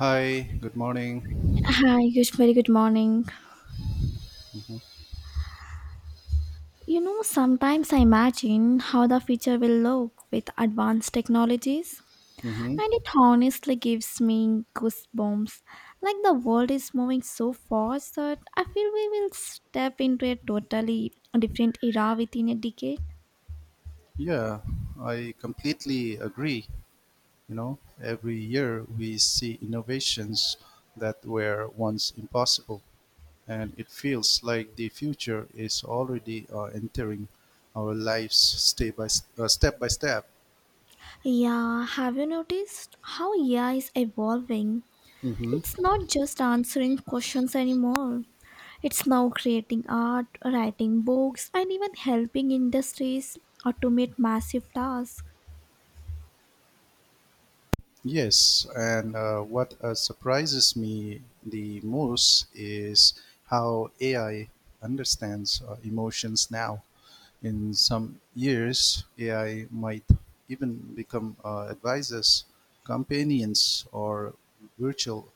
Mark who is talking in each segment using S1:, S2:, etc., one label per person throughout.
S1: Hi, good morning.
S2: Hi, good, very good morning. You know, sometimes I imagine how the future will look with advanced technologies,
S1: hmm
S2: and it honestly gives me goosebumps. Like the world is moving so fast that I feel we will step into a totally different era within a decade.
S1: Yeah, I completely agree. You know, every year we see innovations that were once impossible, and it feels like the future is already entering our lives step by step.
S2: Yeah, have you noticed how AI is evolving?
S1: hmm
S2: It's not just answering questions anymore. It's now creating art, writing books, and even helping industries automate massive tasks.
S1: Yes, and what surprises me the most is how AI understands emotions now. In some years, AI might even become advisors, companions, or virtual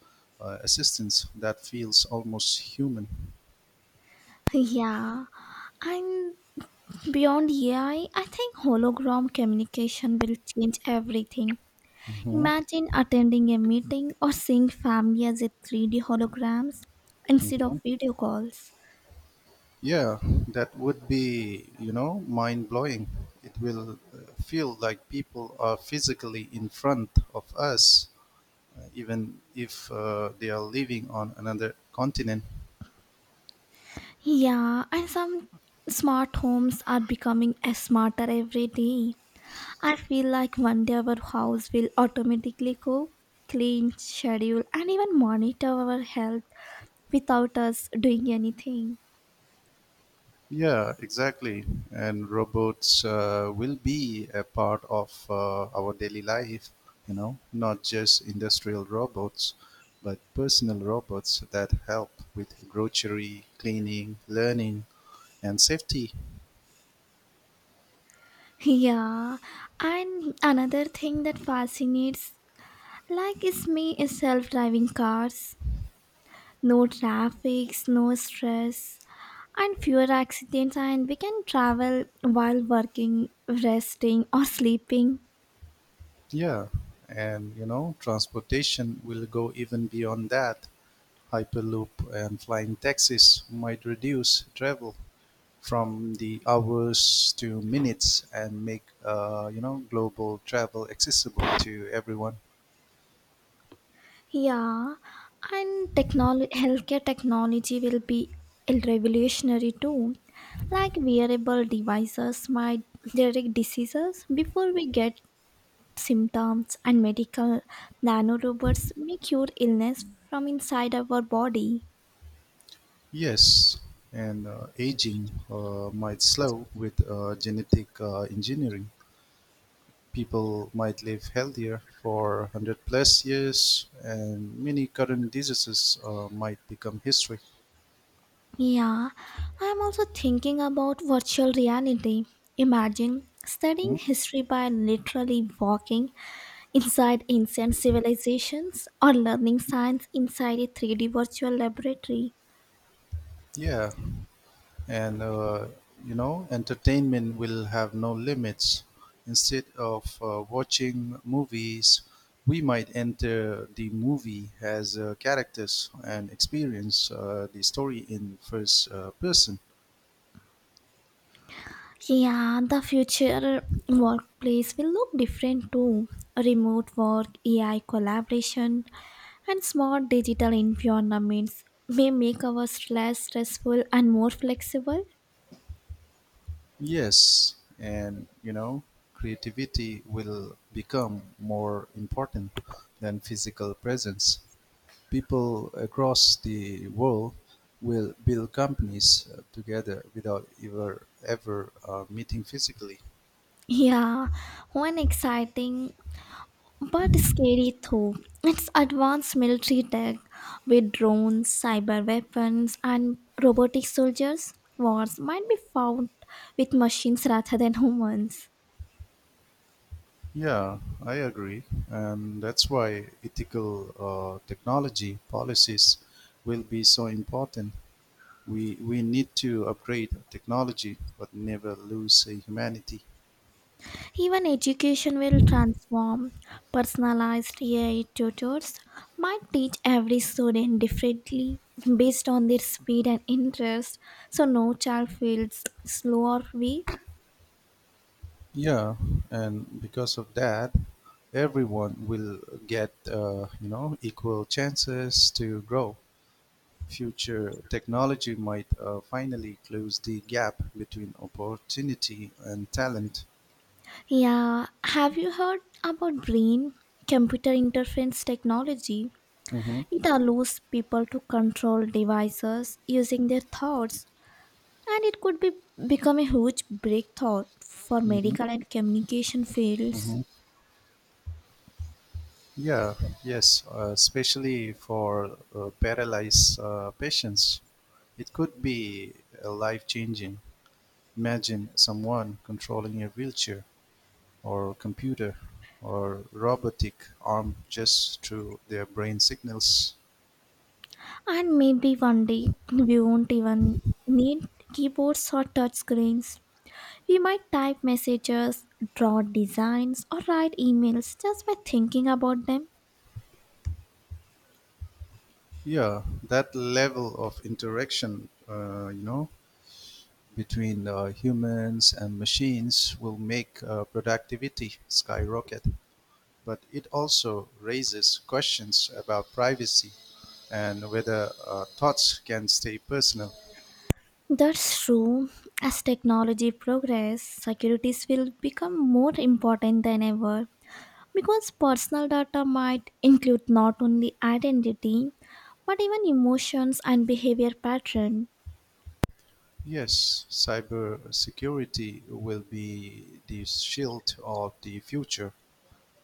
S1: assistants that feels almost human.
S2: Yeah, and beyond AI, I think hologram communication will change everything.
S1: hmm
S2: Imagine attending a meeting or seeing family as a 3D holograms instead
S1: hmm
S2: of video calls.
S1: Yeah, that would be mind blowing. It will feel like people are physically in front of us, even if they are living on another continent.
S2: Yeah, and some smart homes are becoming a smarter every day. I feel like one day our house will automatically cook, clean, schedule, and even monitor our health without us doing anything.
S1: Yeah, exactly. And robots will be a part of our daily life, you know, not just industrial robots, but personal robots that help with grocery, cleaning, learning, and safety.
S2: Yeah, and another thing that fascinates like is me is self-driving cars. No traffic, no stress, and fewer accidents and we can travel while working, resting or sleeping.
S1: Yeah, and you know, transportation will go even beyond that. Hyperloop and flying taxis might reduce travel from the hours to minutes and make global travel accessible to everyone.
S2: Yeah, and technology, healthcare technology will be revolutionary too. Like wearable devices might detect diseases before we get symptoms, and medical nanorobots may cure illness from inside our body.
S1: Yes, and aging might slow with genetic engineering. People might live healthier for 100 plus years, and many current diseases might become history.
S2: Yeah, I'm also thinking about virtual reality. Imagine studying
S1: Mhm.
S2: history by literally walking inside ancient civilizations or learning science inside a 3D virtual laboratory.
S1: Yeah, and you know entertainment will have no limits. Instead of watching movies, we might enter the movie as characters and experience the story in first person.
S2: Yeah, the future workplace will look different too. Remote work, AI collaboration, and smart digital environments may make our less stressful and more flexible.
S1: Yes, and you know creativity will become more important than physical presence. People across the world will build companies together without ever meeting physically.
S2: Yeah, one exciting but scary though, it's advanced military tech with drones, cyber weapons, and robotic soldiers. Wars might be fought with machines rather than humans.
S1: Yeah, I agree, and that's why ethical technology policies will be so important. We need to upgrade technology, but never lose humanity.
S2: Even education will transform. Personalized AI tutors might teach every student differently based on their speed and interest, so no child feels slow or weak.
S1: Yeah, and because of that, everyone will get equal chances to grow. Future technology might finally close the gap between opportunity and talent.
S2: Yeah, have you heard about brain computer interference technology?
S1: Mm-hmm.
S2: It allows people to control devices using their thoughts, and it could be become a huge breakthrough for
S1: Mm-hmm.
S2: medical and communication fields.
S1: Mm-hmm. Yeah, yes, especially for paralyzed patients. It could be life changing. Imagine someone controlling a wheelchair or computer or robotic arm just through their brain signals.
S2: And maybe one day we won't even need keyboards or touch screens. We might type messages, draw designs, or write emails just by thinking about them.
S1: Yeah, that level of interaction, between humans and machines will make productivity skyrocket, but it also raises questions about privacy and whether thoughts can stay personal.
S2: That's true. As technology progresses, securities will become more important than ever because personal data might include not only identity but even emotions and behavior pattern.
S1: Yes, cybersecurity will be the shield of the future.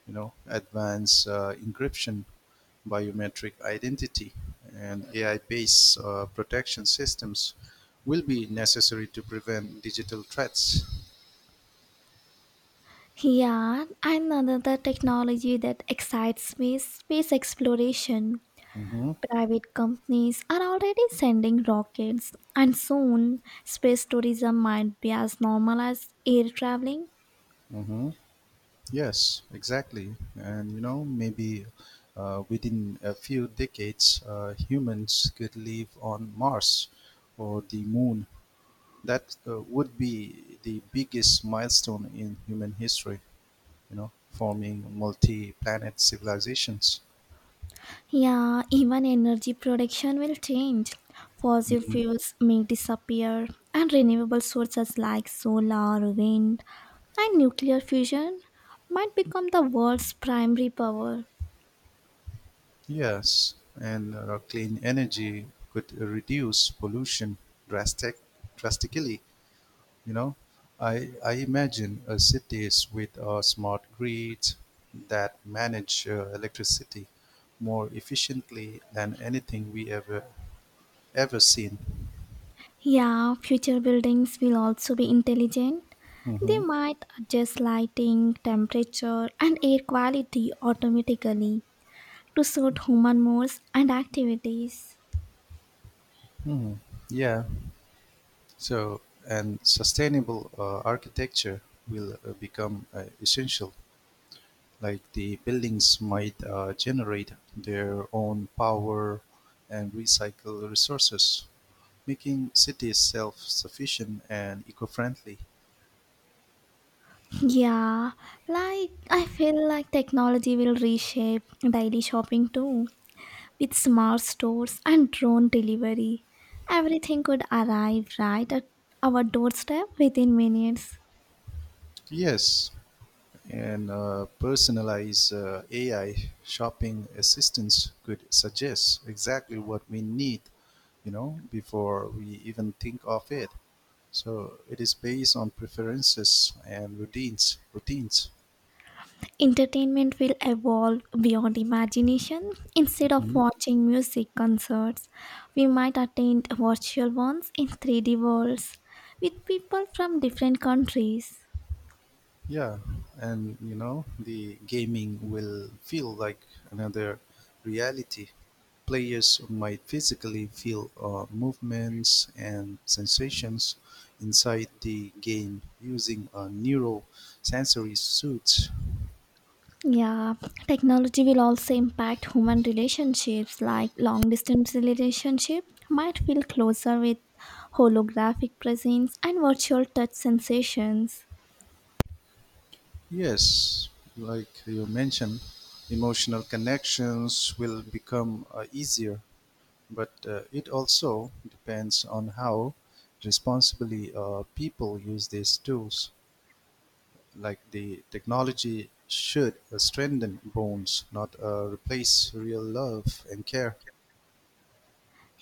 S1: You know, advanced encryption, biometric identity, and AI-based protection systems will be necessary to prevent digital threats.
S2: Yeah, and another technology that excites me is space exploration.
S1: Mm-hmm.
S2: Private companies are already sending rockets, and soon space tourism might be as normal as air traveling.
S1: Mm-hmm. Yes, exactly. And you know, maybe within a few decades, humans could live on Mars or the Moon. That would be the biggest milestone in human history, you know, forming multi-planet civilizations.
S2: Yeah, even energy production will change. Fossil
S1: Mhm.
S2: fuels may disappear, and renewable sources like solar, wind, and nuclear fusion might become the world's primary power.
S1: Yes, and clean energy could reduce pollution drastic drastically. You know, I imagine cities with smart grids that manage electricity more efficiently than anything we ever seen.
S2: Yeah, future buildings will also be intelligent. They
S1: Mm-hmm.
S2: might adjust lighting, temperature, and air quality automatically to suit human moods and activities.
S1: hmm Yeah. So, and sustainable architecture will become essential. Like the buildings might generate their own power and recycle resources, making cities self-sufficient and eco-friendly.
S2: Yeah, like I feel like technology will reshape daily shopping too. With smart stores and drone delivery, everything could arrive right at our doorstep within minutes.
S1: Yes, and personalized AI shopping assistants could suggest exactly what we need, you know, before we even think of it. So it is based on preferences and routines.
S2: Entertainment will evolve beyond imagination. Instead of
S1: Mhm.
S2: watching music concerts, we might attend virtual ones in 3D worlds with people from different countries.
S1: Yeah, and you know, the gaming will feel like another reality. Players might physically feel movements and sensations inside the game using a neural sensory suit.
S2: Yeah, technology will also impact human relationships like long distance relationship might feel closer with holographic presence and virtual touch sensations.
S1: Yes, like you mentioned, emotional connections will become easier, but it also depends on how responsibly people use these tools. Like the technology should strengthen bonds, not replace real love and care.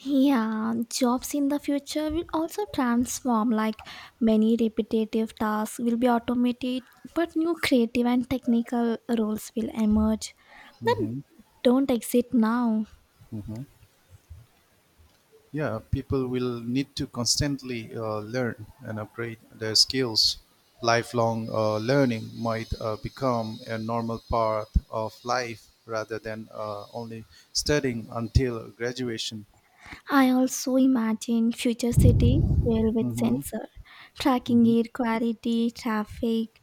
S2: Yeah, jobs in the future will also transform like many repetitive tasks will be automated but new creative and technical roles will emerge that
S1: hmm
S2: don't exist now.
S1: hmm Yeah, people will need to constantly learn and upgrade their skills. Lifelong learning might become a normal part of life rather than only studying until graduation.
S2: I also imagine future cities filled with
S1: hmm
S2: sensor, tracking
S1: hmm
S2: air quality, traffic,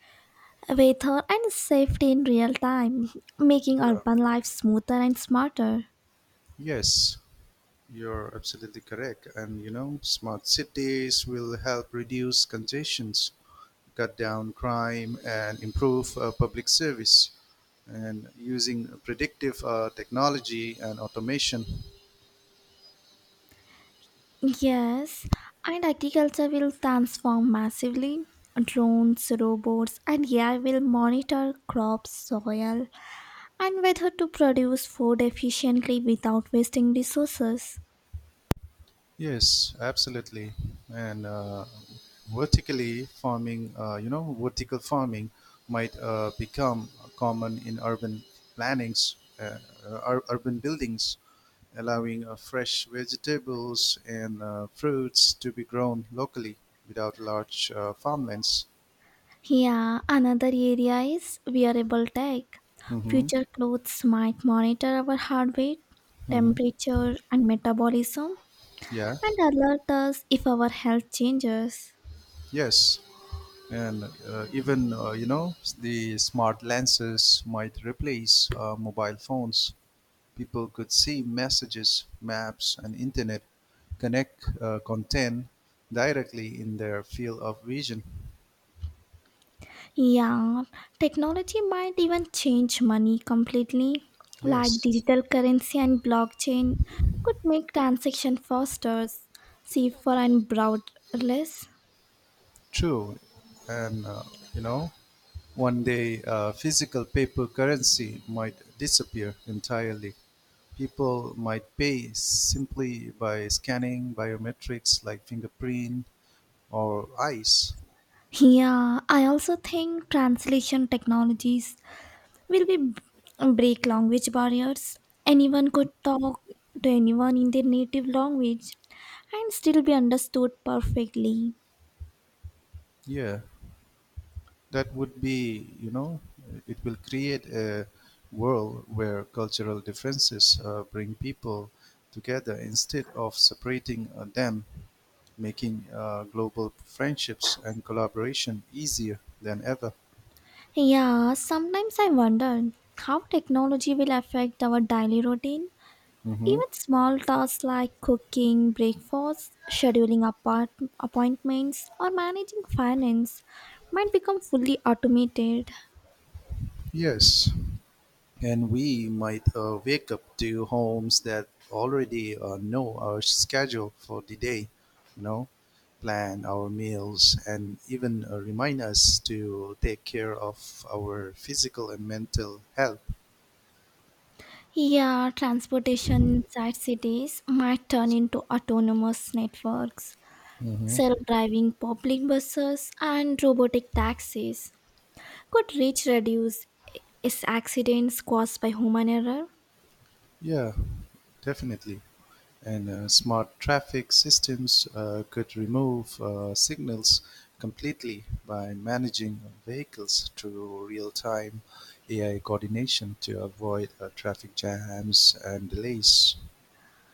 S2: weather, and safety in real time, making
S1: Yeah.
S2: urban life smoother and smarter.
S1: Yes. You're absolutely correct. And you know, smart cities will help reduce congestions, cut down crime, and improve public service, and using predictive technology and automation.
S2: Yes, and agriculture will transform massively. Drones, robots, and AI will monitor crops, soil, and whether to produce food efficiently without wasting resources.
S1: Yes, absolutely. And vertical farming might become common in urban plannings, uh, urban buildings, allowing fresh vegetables and fruits to be grown locally without large farmlands.
S2: Yeah, another area is wearable tech.
S1: hmm
S2: Future clothes might monitor our heart rate,
S1: hmm
S2: temperature, and metabolism,
S1: Yeah.
S2: and alert us if our health changes.
S1: Yes. And even the smart lenses might replace mobile phones. People could see messages, maps, and internet connect content directly in their field of vision.
S2: Yeah, technology might even change money completely, like
S1: Yes,
S2: digital currency and blockchain could make transaction faster, safer, and borderless.
S1: true. And you know, one day, physical paper currency might disappear entirely. People might pay simply by scanning biometrics like fingerprint or eyes.
S2: Yeah, I also think translation technologies will we break language barriers? Anyone could talk to anyone in their native language and still be understood perfectly.
S1: Yeah, that would be, you know, it will create a world where cultural differences bring people together instead of separating them, making global friendships and collaboration easier than ever.
S2: Yeah, sometimes I wonder how technology will affect our daily routine.
S1: hmm
S2: Even small tasks like cooking breakfast, scheduling appointments, or managing finance might become fully automated.
S1: Yes, and we might wake up to homes that already know our schedule for the day, you know, plan our meals, and even remind us to take care of our physical and mental health.
S2: Yeah, transportation inside cities might turn into autonomous networks.
S1: hmm
S2: Self driving public buses and robotic taxis could reach reduce is accidents caused by human error.
S1: Yeah, definitely. And smart traffic systems could remove signals completely by managing vehicles through real time AI coordination to avoid traffic jams and delays.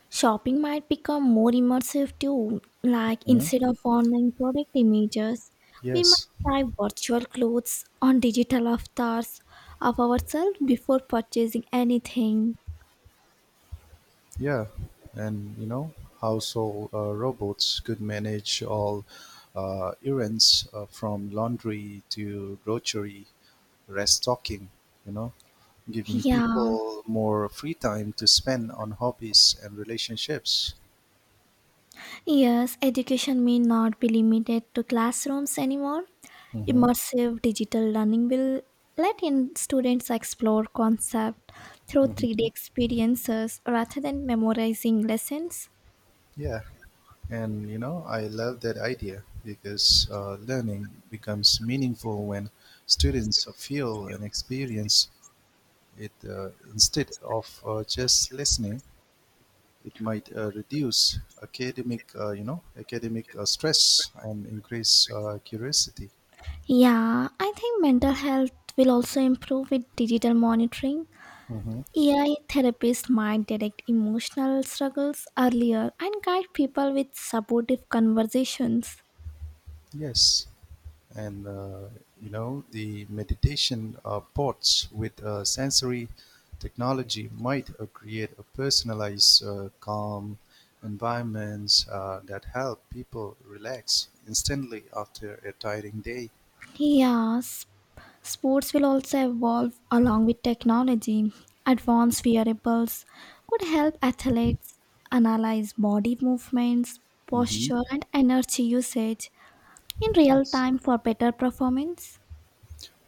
S2: Shopping might become more immersive too, like
S1: Mhm.
S2: instead of online product images, we might
S1: Yes,
S2: try virtual clothes on digital avatars of ourselves before purchasing anything.
S1: yeah. And you know, household robots could manage all errands from laundry to grocery, restocking, you know, giving
S2: Yeah,
S1: people more free time to spend on hobbies and relationships.
S2: yes, education may not be limited to classrooms anymore.
S1: hmm
S2: Immersive digital learning will let in students explore concepts through 3D
S1: hmm
S2: experiences rather than memorizing lessons.
S1: Yeah, and you know, I love that idea because learning becomes meaningful when students feel and experience it instead of just listening. It might reduce academic stress and increase curiosity.
S2: Yeah, I think mental health will also improve with digital monitoring.
S1: hmm
S2: AI therapists might detect emotional struggles earlier and guide people with supportive conversations.
S1: Yes. And you know the meditation pods with sensory technology might create a personalized calm environments that help people relax instantly after a tiring day.
S2: Yeah, sports will also evolve along with technology. Advanced wearables could help athletes analyze body movements,
S1: hmm
S2: posture, and energy usage in real
S1: Yes.
S2: time for better performance.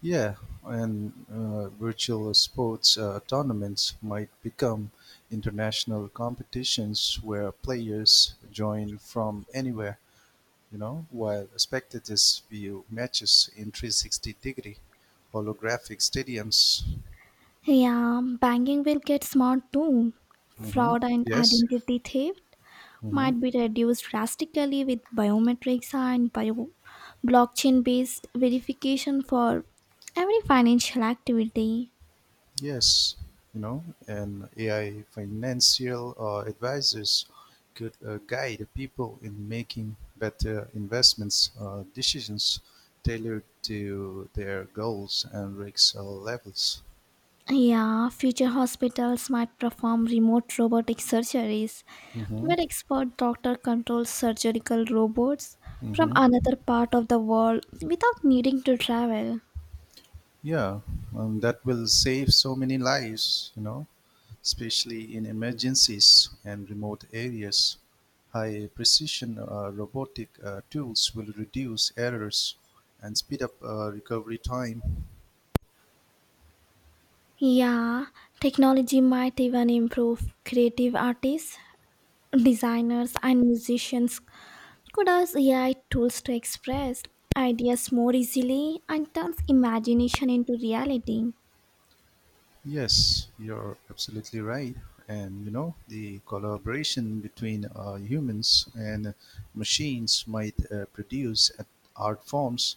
S1: Yeah, and virtual sports tournaments might become international competitions where players join from anywhere, you know, while spectators view matches in 360-degree holographic stadiums.
S2: Yeah, banking will get smart too.
S1: hmm
S2: Fraud and
S1: Yes.
S2: identity theft
S1: hmm
S2: might be reduced drastically with biometrics and bio blockchain based verification for every financial activity.
S1: Yes. You know, and AI financial advisors could guide people in making better investments decisions tailored to their goals and risk levels.
S2: Yeah, future hospitals might perform remote robotic surgeries
S1: hmm
S2: where expert doctor controls surgical robots from
S1: hmm
S2: another part of the world without needing to travel.
S1: Yeah, that will save so many lives. You know, especially in emergencies and remote areas, high-precision robotic tools will reduce errors and speed up recovery time.
S2: Yeah, technology might even improve creative artists, designers and musicians could use AI tools to express ideas more easily and turns imagination into reality.
S1: Yes, you're absolutely right. And you know, the collaboration between humans and machines might produce art forms,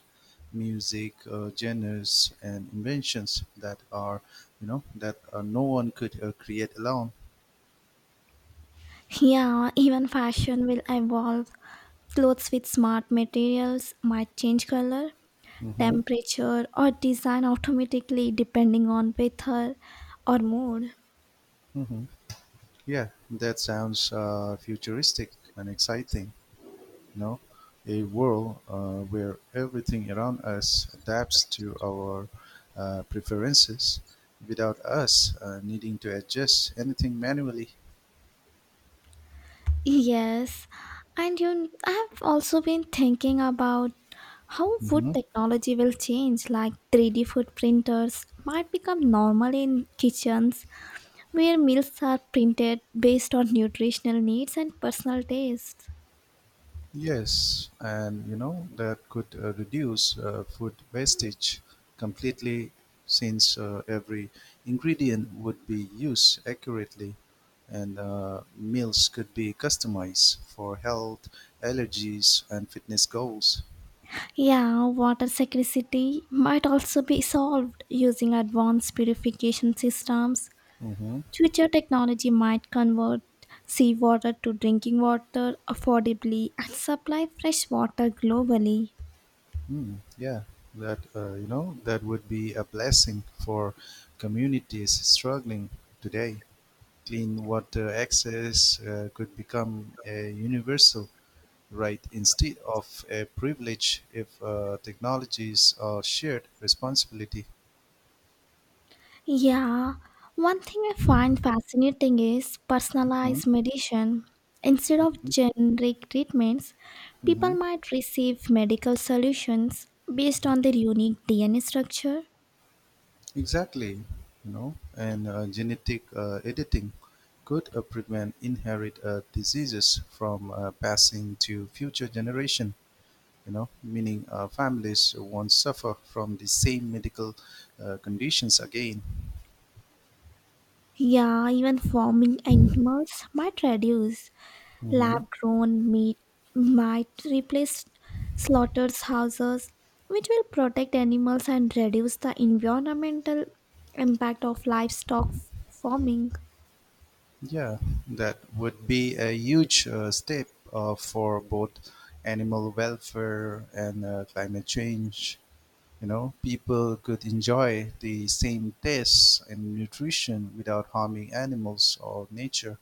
S1: music, genres, and inventions that are, you know, that no one could create alone.
S2: Yeah, even fashion will evolve. Clothes with smart materials might change color,
S1: hmm
S2: temperature, or design automatically depending on weather or mood.
S1: hmm Yeah, that sounds futuristic and exciting. You know, a world where everything around us adapts to our preferences without us needing to adjust anything manually.
S2: Yes, and you I've also been thinking about how food
S1: Mhm.
S2: technology will change like 3D food printers might become normal in kitchens where meals are printed based on nutritional needs and personal tastes.
S1: Yes, and you know that could reduce food wastage completely, since every ingredient would be used accurately and meals could be customized for health, allergies, and fitness goals.
S2: Yeah, water scarcity might also be solved using advanced purification systems.
S1: Mm-hmm.
S2: Future technology might convert seawater to drinking water affordably and supply fresh water globally.
S1: Mm, yeah, that, that would be a blessing for communities struggling today. Clean water access could become a universal right, instead of a privilege if technologies are shared responsibility.
S2: Yeah, one thing I find fascinating is
S1: Mhm.
S2: personalized medicine. Instead of generic treatments, people
S1: Mhm.
S2: might receive medical solutions based on their unique DNA structure.
S1: Exactly, you know, and genetic editing could prevent inherit diseases from passing to future generation. You know, meaning families won't suffer from the same medical conditions again.
S2: Yeah, even farming animals might reduce.
S1: Mhm.
S2: Lab grown meat might replace slaughterhouses, which will protect animals and reduce the environmental impact of livestock farming.
S1: Yeah, that would be a huge step for both animal welfare and climate change. You know, people could enjoy the same tastes and nutrition without harming animals or nature.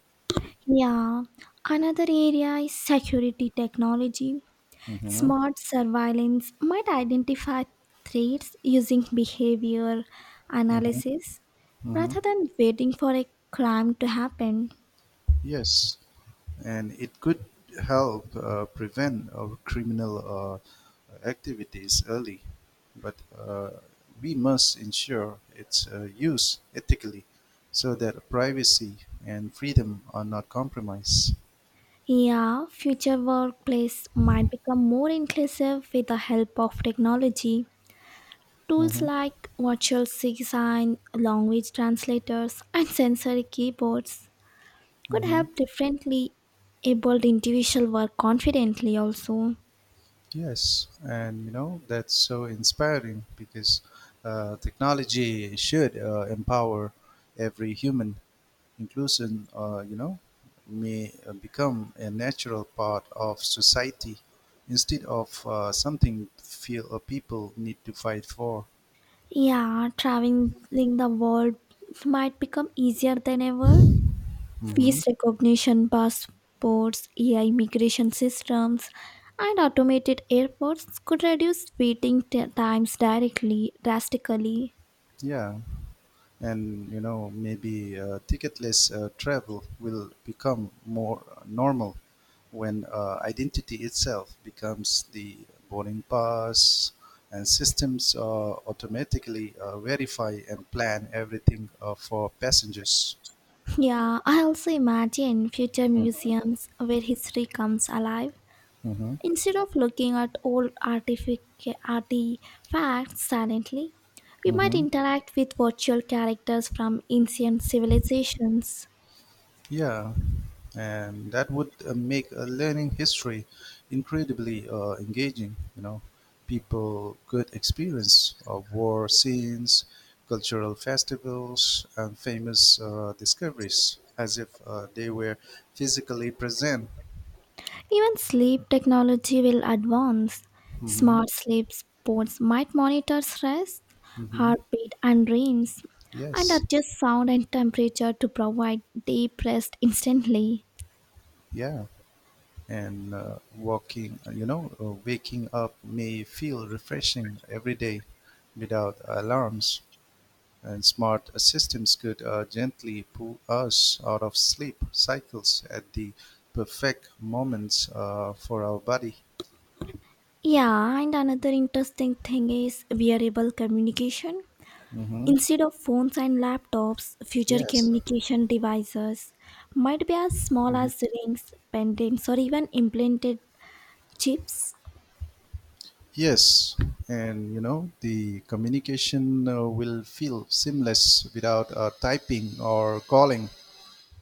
S2: Yeah, another area is security technology.
S1: Mm-hmm,
S2: Smart surveillance might identify threats using behavior
S1: mm-hmm,
S2: analysis
S1: mm-hmm.
S2: rather than waiting for a crime to happen.
S1: Yes, and it could help prevent criminal activities early. But we must ensure its use ethically, so that privacy and freedom are not compromised.
S2: Yeah, future workplace might become more inclusive with the help of technology. Tools
S1: hmm
S2: like virtual sign, language translators, and sensory keyboards could
S1: hmm
S2: help differently abled individuals work confidently also.
S1: Yes, and you know, that's so inspiring because technology should empower every human. Inclusion, may become a natural part of society instead of something feel people need to fight for.
S2: Yeah, traveling the world might become easier than ever
S1: hmm
S2: face recognition passports, AI migration systems, and automated airports could reduce waiting times directly drastically.
S1: Yeah, and you know maybe ticketless travel will become more normal when identity itself becomes the boarding pass, and systems automatically verify and plan everything for passengers.
S2: Yeah, I also imagine future museums where history comes alive.
S1: Mhm.
S2: Instead of looking at old artifacts silently, we might
S1: Mm-hmm.
S2: interact with virtual characters from ancient civilizations.
S1: Yeah, and that would make learning history incredibly engaging. You know, people could experience war scenes, cultural festivals, and famous discoveries as if they were physically present.
S2: Even sleep technology will advance.
S1: Mm-hmm.
S2: Smart sleep pods might monitor stress,
S1: Mm-hmm.
S2: heartbeat, and dreams, and
S1: Yes.
S2: adjust sound and temperature to provide deep rest instantly.
S1: Yeah. And waking up may feel refreshing every day without alarms. And smart systems could gently pull us out of sleep cycles at the perfect moments for our body.
S2: Yeah, and another interesting thing is wearable communication.
S1: hmm
S2: Instead of phones and laptops, future
S1: Yes.
S2: communication devices might be as small
S1: hmm
S2: as rings, pendants, or even implanted chips.
S1: Yes. And you know, the communication will feel seamless without typing or calling.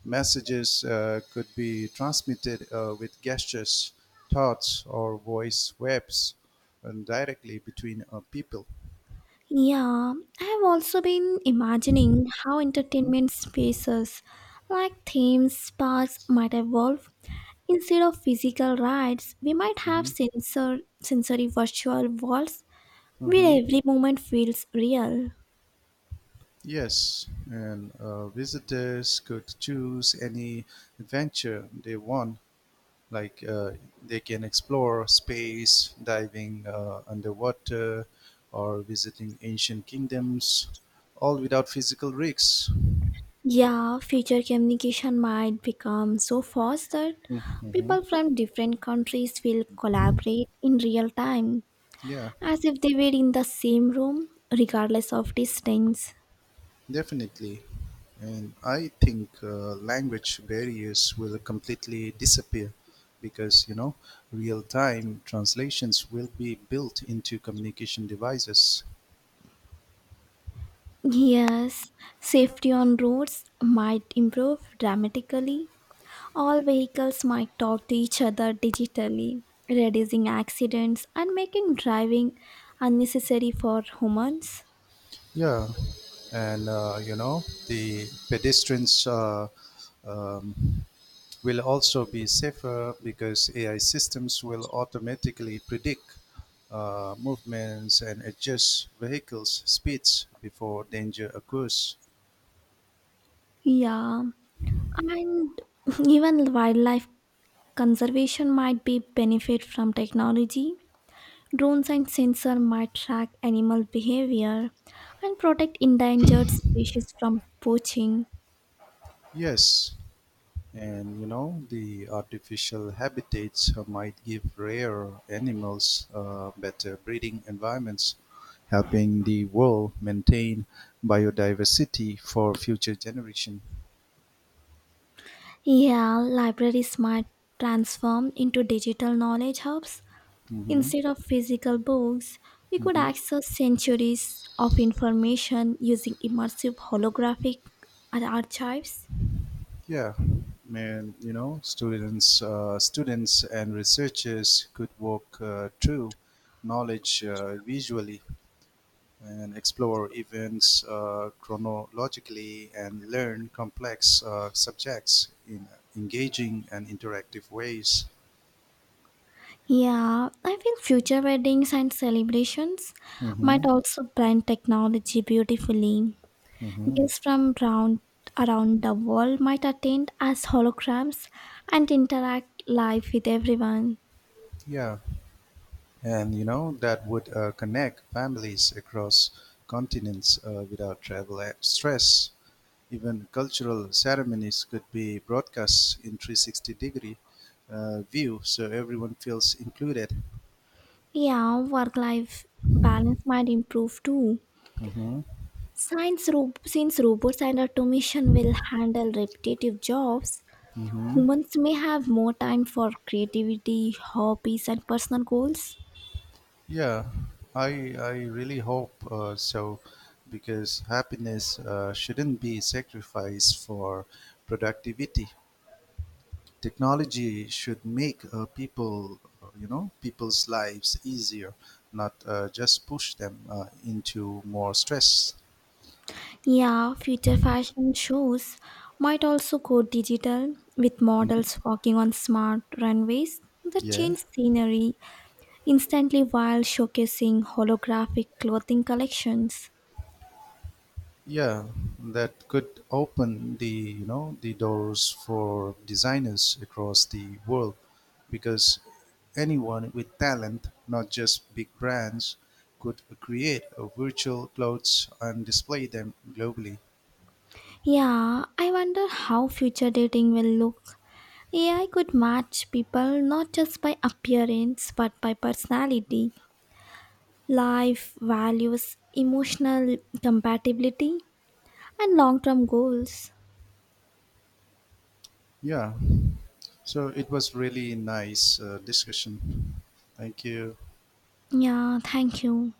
S1: Messages could be transmitted with gestures, thoughts, or voice waves and directly between people.
S2: Yeah, I have also been imagining how
S1: Mm-hmm.
S2: entertainment spaces like themes parks might evolve. Instead of physical rides, we might have
S1: Mm-hmm.
S2: sensory virtual worlds
S1: Mm-hmm.
S2: where every moment feels real.
S1: Yes, and visitors could choose any adventure they want. Like they can explore space, diving underwater, or visiting ancient kingdoms, all without physical risks.
S2: Yeah, future communication might become so fast that
S1: hmm
S2: people from different countries will collaborate in real time,
S1: Yeah,
S2: as if they were in the same room, regardless of distance.
S1: definitely. And I think language barriers will completely disappear because, you know, real time translations will be built into communication devices.
S2: Yes, safety on roads might improve dramatically. All vehicles might talk to each other digitally, reducing accidents and making driving unnecessary for humans.
S1: Yeah, and the pedestrians, um, will also be safer because AI systems will automatically predict movements and adjust vehicles' speeds before danger occurs.
S2: Yeah, and even wildlife conservation might be benefit from technology. Drones and sensor might track animal behavior and protect endangered species from poaching.
S1: Yes, and you know, the artificial habitats might give rare animals better breeding environments, helping the world maintain biodiversity for future generation.
S2: Yeah, libraries might transform into digital knowledge hubs.
S1: hmm
S2: Instead of physical books, we could
S1: hmm
S2: access centuries of information using immersive holographic archives.
S1: Yeah, man, you know, students and researchers could walk through knowledge visually and explore events chronologically and learn complex subjects in engaging and interactive ways.
S2: Yeah, I think future weddings and celebrations
S1: hmm
S2: might also blend technology beautifully.
S1: hmm
S2: Guests from around the world might attend as holograms and interact live with everyone.
S1: Yeah, and you know that would connect families across continents without stress. Even cultural ceremonies could be broadcast in 360 degree view, so everyone feels included.
S2: Yeah, work life balance might improve too.
S1: hmm
S2: Since robots and automation will handle repetitive jobs,
S1: hmm
S2: humans may have more time for creativity, hobbies, and personal goals.
S1: Yeah, I really hope so, because happiness shouldn't be sacrificed for productivity. Technology should make people's lives easier, not just push them into more stress.
S2: Yeah, future fashion shows might also go digital with
S1: Mhm.
S2: models walking on smart runways that
S1: Yeah.
S2: change scenery instantly while showcasing holographic clothing collections.
S1: Yeah, that could open the the doors for designers across the world because anyone with talent, not just big brands, could create a virtual clothes and display them globally.
S2: Yeah, I wonder how future dating will look. AI could match people not just by appearance but by personality, life values, emotional compatibility, and long term goals.
S1: Yeah. So it was really nice discussion. Thank you.
S2: Yeah, thank you.